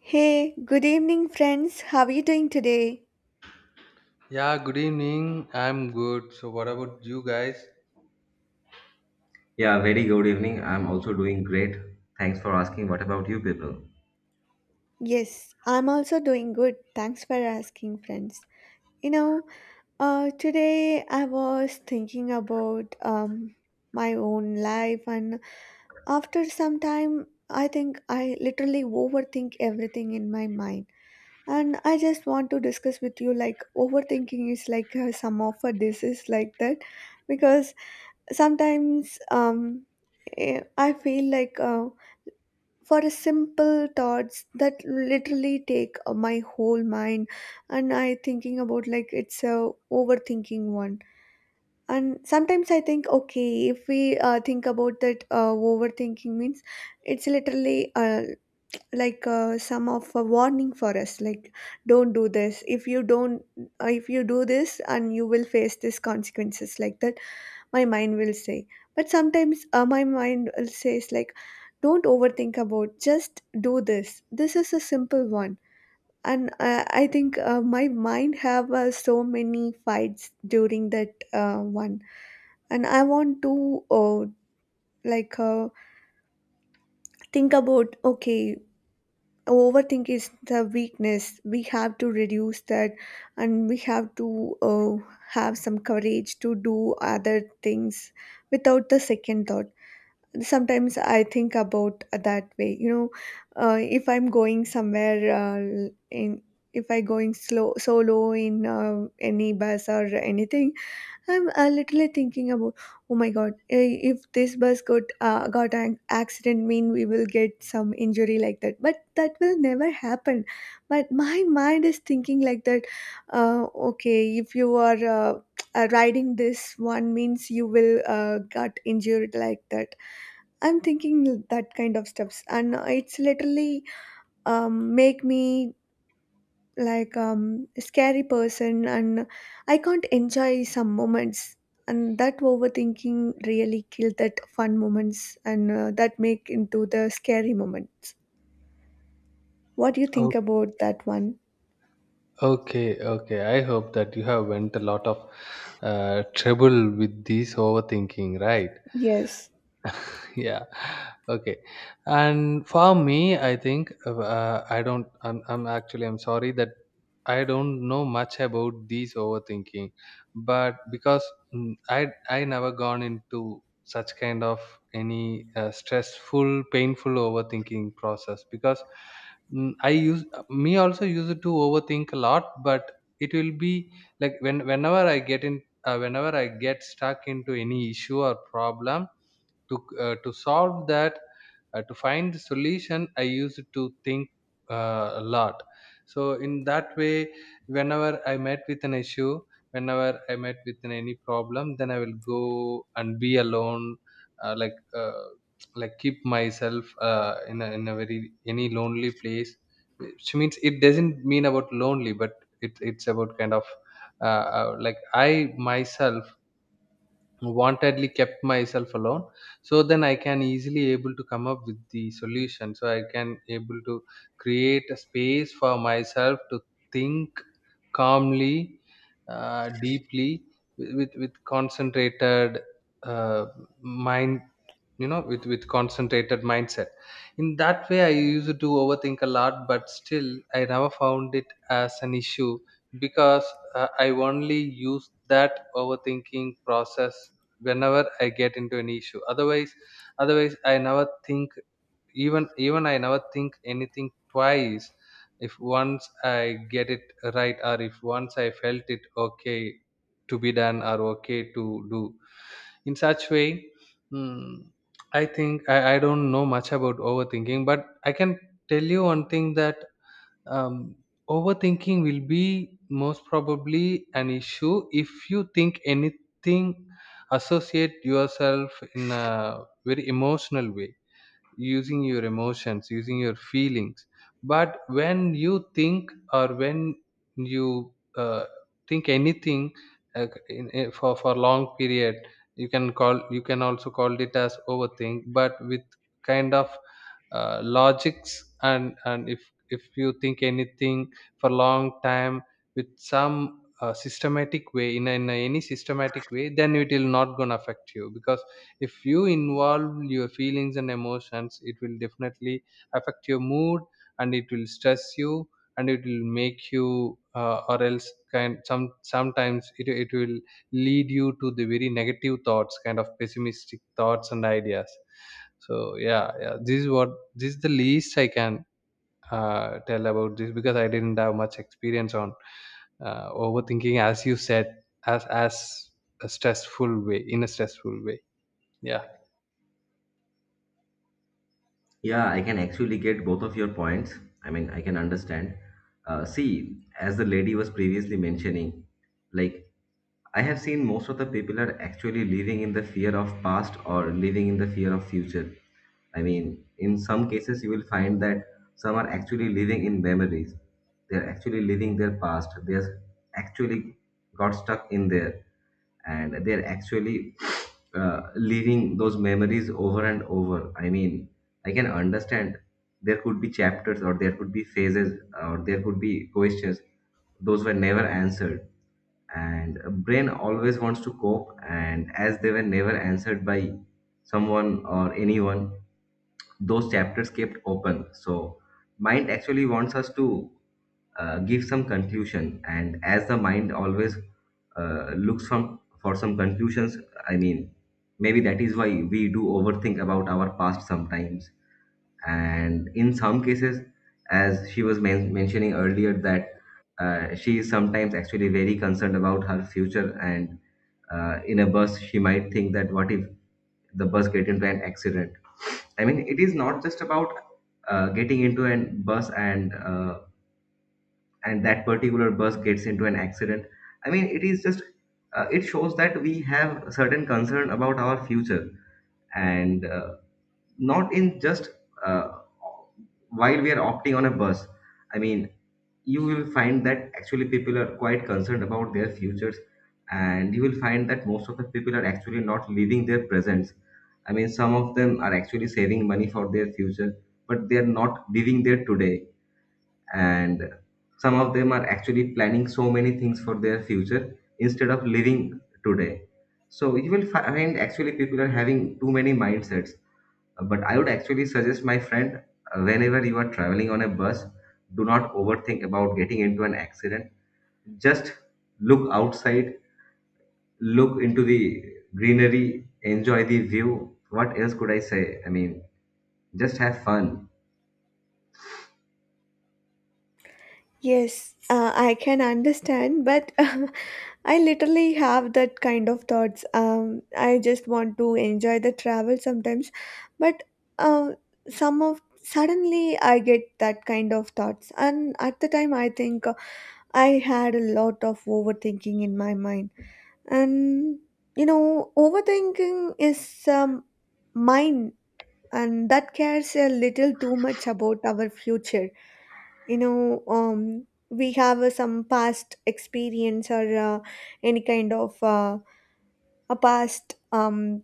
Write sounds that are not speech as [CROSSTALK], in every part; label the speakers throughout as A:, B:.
A: Hey, good evening, friends. How are you doing today?
B: Yeah, good evening. I'm good. So what about you guys?
C: Yeah, very good evening. I'm also doing great. Thanks for asking. What about you people?
A: Yes, I'm also doing good. Thanks for asking, friends. You know, today I was thinking about my own life, and after some time, I think I literally overthink everything in my mind. And I just want to discuss with you like overthinking is like some of a disease like that because sometimes I feel like for a simple thoughts that literally take my whole mind, and I thinking about like it's a overthinking one. And sometimes I think okay, if we think about that, overthinking means it's literally like some of a warning for us like don't do this if you don't if you do this and you will face these consequences like that, my mind will say. But sometimes my mind will says like don't overthink about, just do this, this is a simple one. And I think my mind have so many fights during that one. And I want to like think about okay, overthink is the weakness, we have to reduce that. And we have to uh, have some courage to do other things without the second thought. Sometimes I think about that way, you know, if I'm going somewhere in if I going slow solo in any bus or anything, I'm literally thinking about oh my god, if this bus got got an accident mean we will get some injury like that, but that will never happen. But my mind is thinking like that. uh, okay, if you are riding this one means you will got injured like that. I'm thinking that kind of stuffs, and it's literally make me like a scary person, and I can't enjoy some moments. And that overthinking really kill that fun moments, and that make into the scary moments. What do you think
B: Oh,
A: about that one?
B: okay, okay. I hope that you have went a lot of trouble with this overthinking, right?
A: Yes,
B: Yeah, okay. And for me, I think I don't I'm actually I'm sorry that I don't know much about these overthinking, but because I never gone into such kind of any stressful, painful overthinking process. Because I use me also use it to overthink a lot, but it will be like when whenever I get stuck into any issue or problem, to solve that, to find the solution, I used to think a lot. So in that way, whenever I met with an issue, whenever I met with any problem, then I will go and be alone, uh, like uh, like keep myself in a very any lonely place, which means it doesn't mean about lonely, but it's about kind of like I myself wantedly kept myself alone. So then I can easily able to come up with the solution, so I can able to create a space for myself to think calmly, deeply, with with concentrated uh, mind, you know, with concentrated mindset. In that way, I used to overthink a lot, but still I never found it as an issue, because I only use that overthinking process whenever I get into an issue. Otherwise, I never think. Even I never think anything twice if once I get it right, or if once I felt it okay to be done, or okay to do. In such way, I think I don't know much about overthinking, but I can tell you one thing that um, overthinking will be most probably an issue if you think anything, associate yourself in a very emotional way, using your emotions, using your feelings. But when you think, or when you think anything for long period, you can call, you can also call it as overthink, but with kind of logics. And if you think anything for long time with some systematic way in any systematic way, then it will not gonna affect you. Because if you involve your feelings and emotions, it will definitely affect your mood, and it will stress you, and it will make you or else kind, some sometimes it will lead you to the very negative thoughts, kind of pessimistic thoughts and ideas. So yeah, yeah, this is what, this is the least I can tell about this, because I didn't have much experience on overthinking, as you said, as a stressful way, in a stressful way. Yeah.
C: Yeah, I can actually get both of your points. I mean, I can understand. See, as the lady was previously mentioning, like I have seen most of the people are actually living in the fear of past or living in the fear of future. I mean, in some cases, you will find that some are actually living in memories. They're actually living their past. They're actually got stuck in there and they're actually living those memories over and over. I mean, I can understand there could be chapters, or there could be phases, or there could be questions. Those were never answered, and a brain always wants to cope. And as they were never answered by someone or anyone, those chapters kept open. So mind actually wants us to give some conclusion, and as the mind always looks from for some conclusions. I mean, maybe that is why we do overthink about our past sometimes. And in some cases, as she was mentioning earlier that she is sometimes actually very concerned about her future, and in a bus she might think that what if the bus get into an accident. I mean, it is not just about getting into a bus and that particular bus gets into an accident. I mean, it is just it shows that we have certain concern about our future, and not in just uh, while we are opting on a bus. I mean, you will find that actually people are quite concerned about their futures, and you will find that most of the people are actually not living their presents. I mean, some of them are actually saving money for their future, but they are not living their today. And some of them are actually planning so many things for their future instead of living today. So you will find actually people are having too many mindsets. But I would actually suggest, my friend, whenever you are traveling on a bus, do not overthink about getting into an accident. Just look outside, look into the greenery, enjoy the view. What else could I say? I mean, just have fun.
A: yes, I can understand, but [LAUGHS] I literally have that kind of thoughts. I just want to enjoy the travel sometimes, but uh, some of suddenly I get that kind of thoughts, and at the time I think I had a lot of overthinking in my mind. And you know, overthinking is mine, and that cares a little too much about our future. You know, we have some past experience or any kind of. Past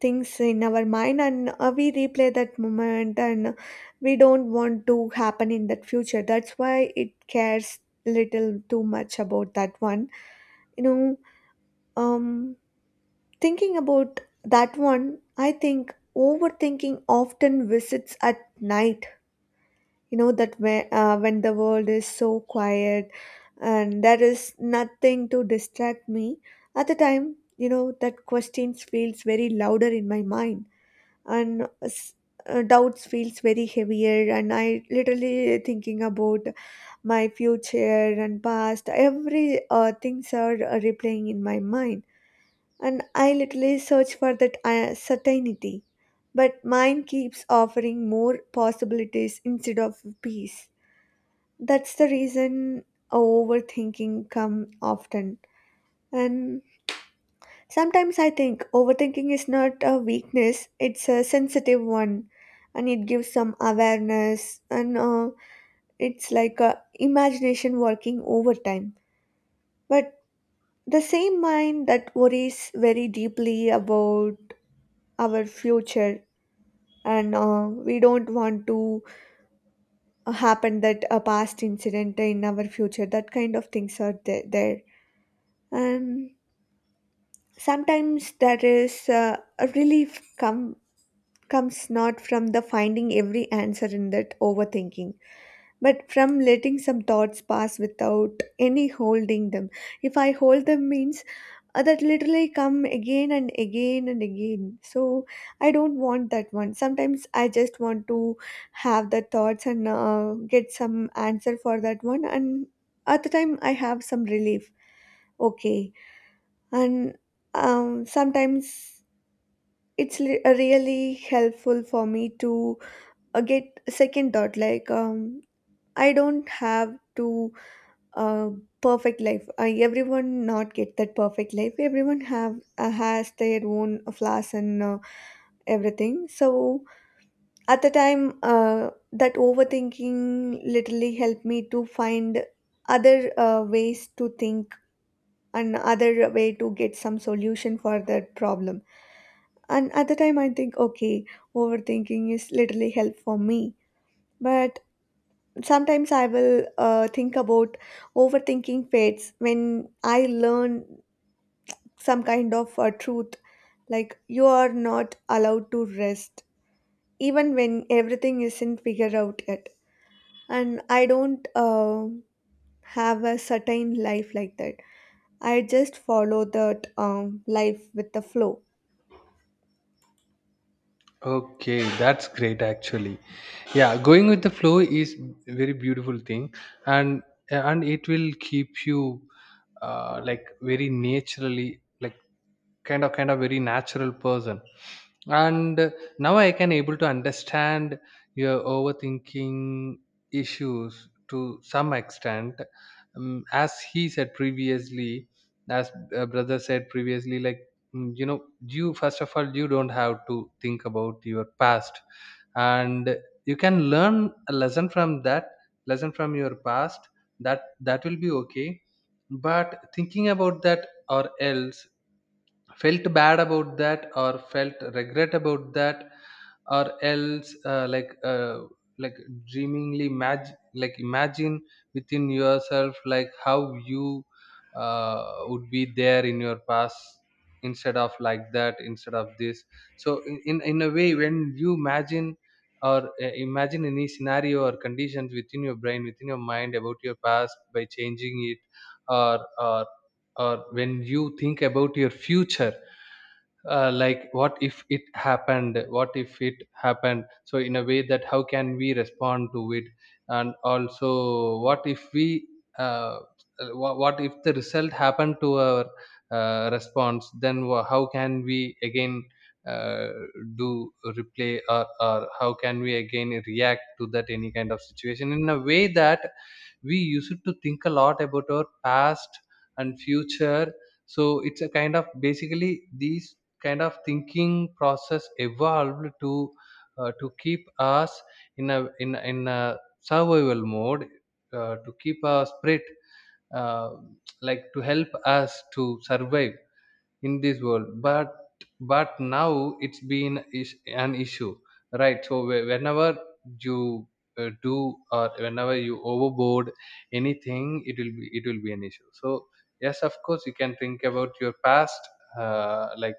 A: things in our mind, and we replay that moment, and we don't want to happen in that future, that's why it cares little too much about that one, you know. Um, thinking about that one, I think overthinking often visits at night, you know, that when the world is so quiet and there is nothing to distract me, at the time you know that questions feels very louder in my mind, and s- doubts feels very heavier, and I literally thinking about my future and past, every things are replaying in my mind. And I literally search for that certainty, but mine keeps offering more possibilities instead of peace. That's the reason overthinking come often. And sometimes I think overthinking is not a weakness, it's a sensitive one, and it gives some awareness, and it's like a imagination working overtime. But the same mind that worries very deeply about our future, and we don't want to happen that a past incident in our future, that kind of things are there, there. And sometimes that is a relief comes not from the finding every answer in that overthinking, but from letting some thoughts pass without any holding them. If I hold them means that literally come again and again and again. So I don't want that one, sometimes I just want to have the thoughts and get some answer for that one, and at the time I have some relief. Okay. And sometimes really helpful for me to get a second thought, like I don't have to uh, perfect life, I, everyone not get that perfect life, everyone have has their own flaws, and everything. So at the time that overthinking literally helped me to find other ways to think, another way to get some solution for that problem. And at the time I think okay, overthinking is literally help for me. But sometimes I will think about overthinking fades when I learn some kind of truth, like you are not allowed to rest even when everything isn't figured out yet. And I don't have a certain life like that, I just follow that, life with the flow.
B: Okay, that's great actually. Yeah, going with the flow is very beautiful thing, and it will keep you like very naturally, like kind of very natural person. And now I can able to understand your overthinking issues to some extent. As he said previously, as brother said previously, like you know, you, first of all, you don't have to think about your past, and you can learn a lesson from that, lesson from your past. That that will be okay. But thinking about that, or else felt bad about that, or felt regret about that, or else like dreamingly imagine, like imagine within yourself like how you uh, would be there in your past, instead of like that, instead of this. So in a way, when you imagine, or imagine any scenario or conditions within your brain, within your mind, about your past by changing it, or or when you think about your future, like what if it happened, what if it happened. So in a way that how can we respond to it. And also what if we uh, what if the result happened to our response, then how can we again uh, do replay, or how can we again react to that, any kind of situation. In a way that we used to think a lot about our past and future. So it's a kind of, basically these kind of thinking process evolved to keep us in a survival mode, to keep our spirit uh, like to help us to survive in this world. But now it's been is an issue, right? So whenever you do, or whenever you overboard anything, it will be, it will be an issue. So yes, of course you can think about your past, like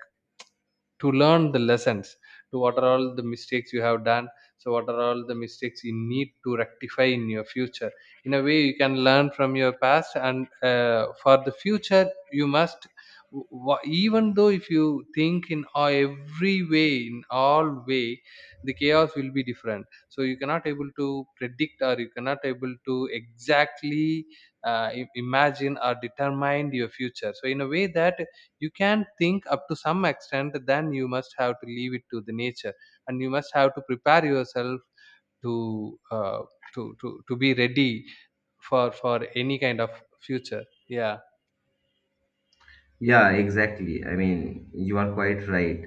B: to learn the lessons, to what are all the mistakes you have done, so what are all the mistakes you need to rectify in your future. In a way, you can learn from your past. And for the future, you must, even though if you think in a- every way, in all way, the chaos will be different. So you cannot able to predict, or you cannot able to exactly imagine or determine your future. So in a way that you can think up to some extent, then you must have to leave it to the nature, and you must have to prepare yourself to uh, to, to be ready for any kind of future. Yeah.
C: Yeah, exactly. I mean, you are quite right.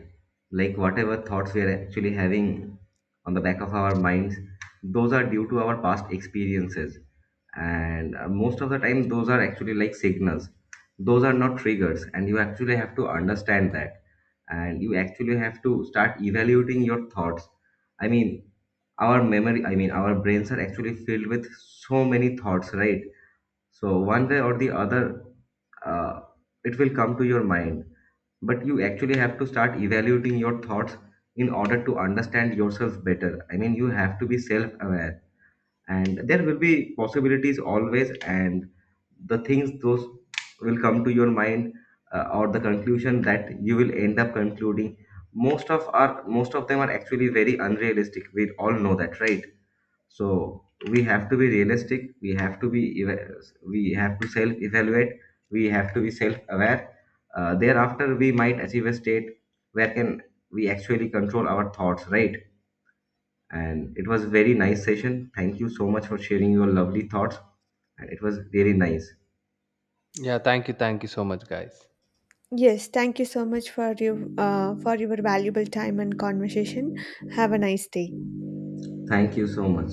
C: Like, whatever thoughts we are actually having on the back of our minds, those are due to our past experiences. And most of the time, those are actually like signals. Those are not triggers. And you actually have to understand that. And you actually have to start evaluating your thoughts. I mean, our memory, I mean, our brains are actually filled with so many thoughts, right? So one day or the other, uh, it will come to your mind. But you actually have to start evaluating your thoughts in order to understand yourself better. I mean, you have to be self aware, and there will be possibilities always, and the things those will come to your mind, or the conclusion that you will end up concluding, most of them are actually very unrealistic. We all know that, right? So we have to be realistic, we have to be we have to self evaluate, we have to be self aware. Thereafter we might achieve a state where can we actually control our thoughts, right? And it was very nice session. Thank you so much for sharing your lovely thoughts, and it was really nice.
B: Yeah, thank you, thank you so much, guys.
A: Yes, thank you so much for your valuable time and conversation. Have a nice day.
C: Thank you so much.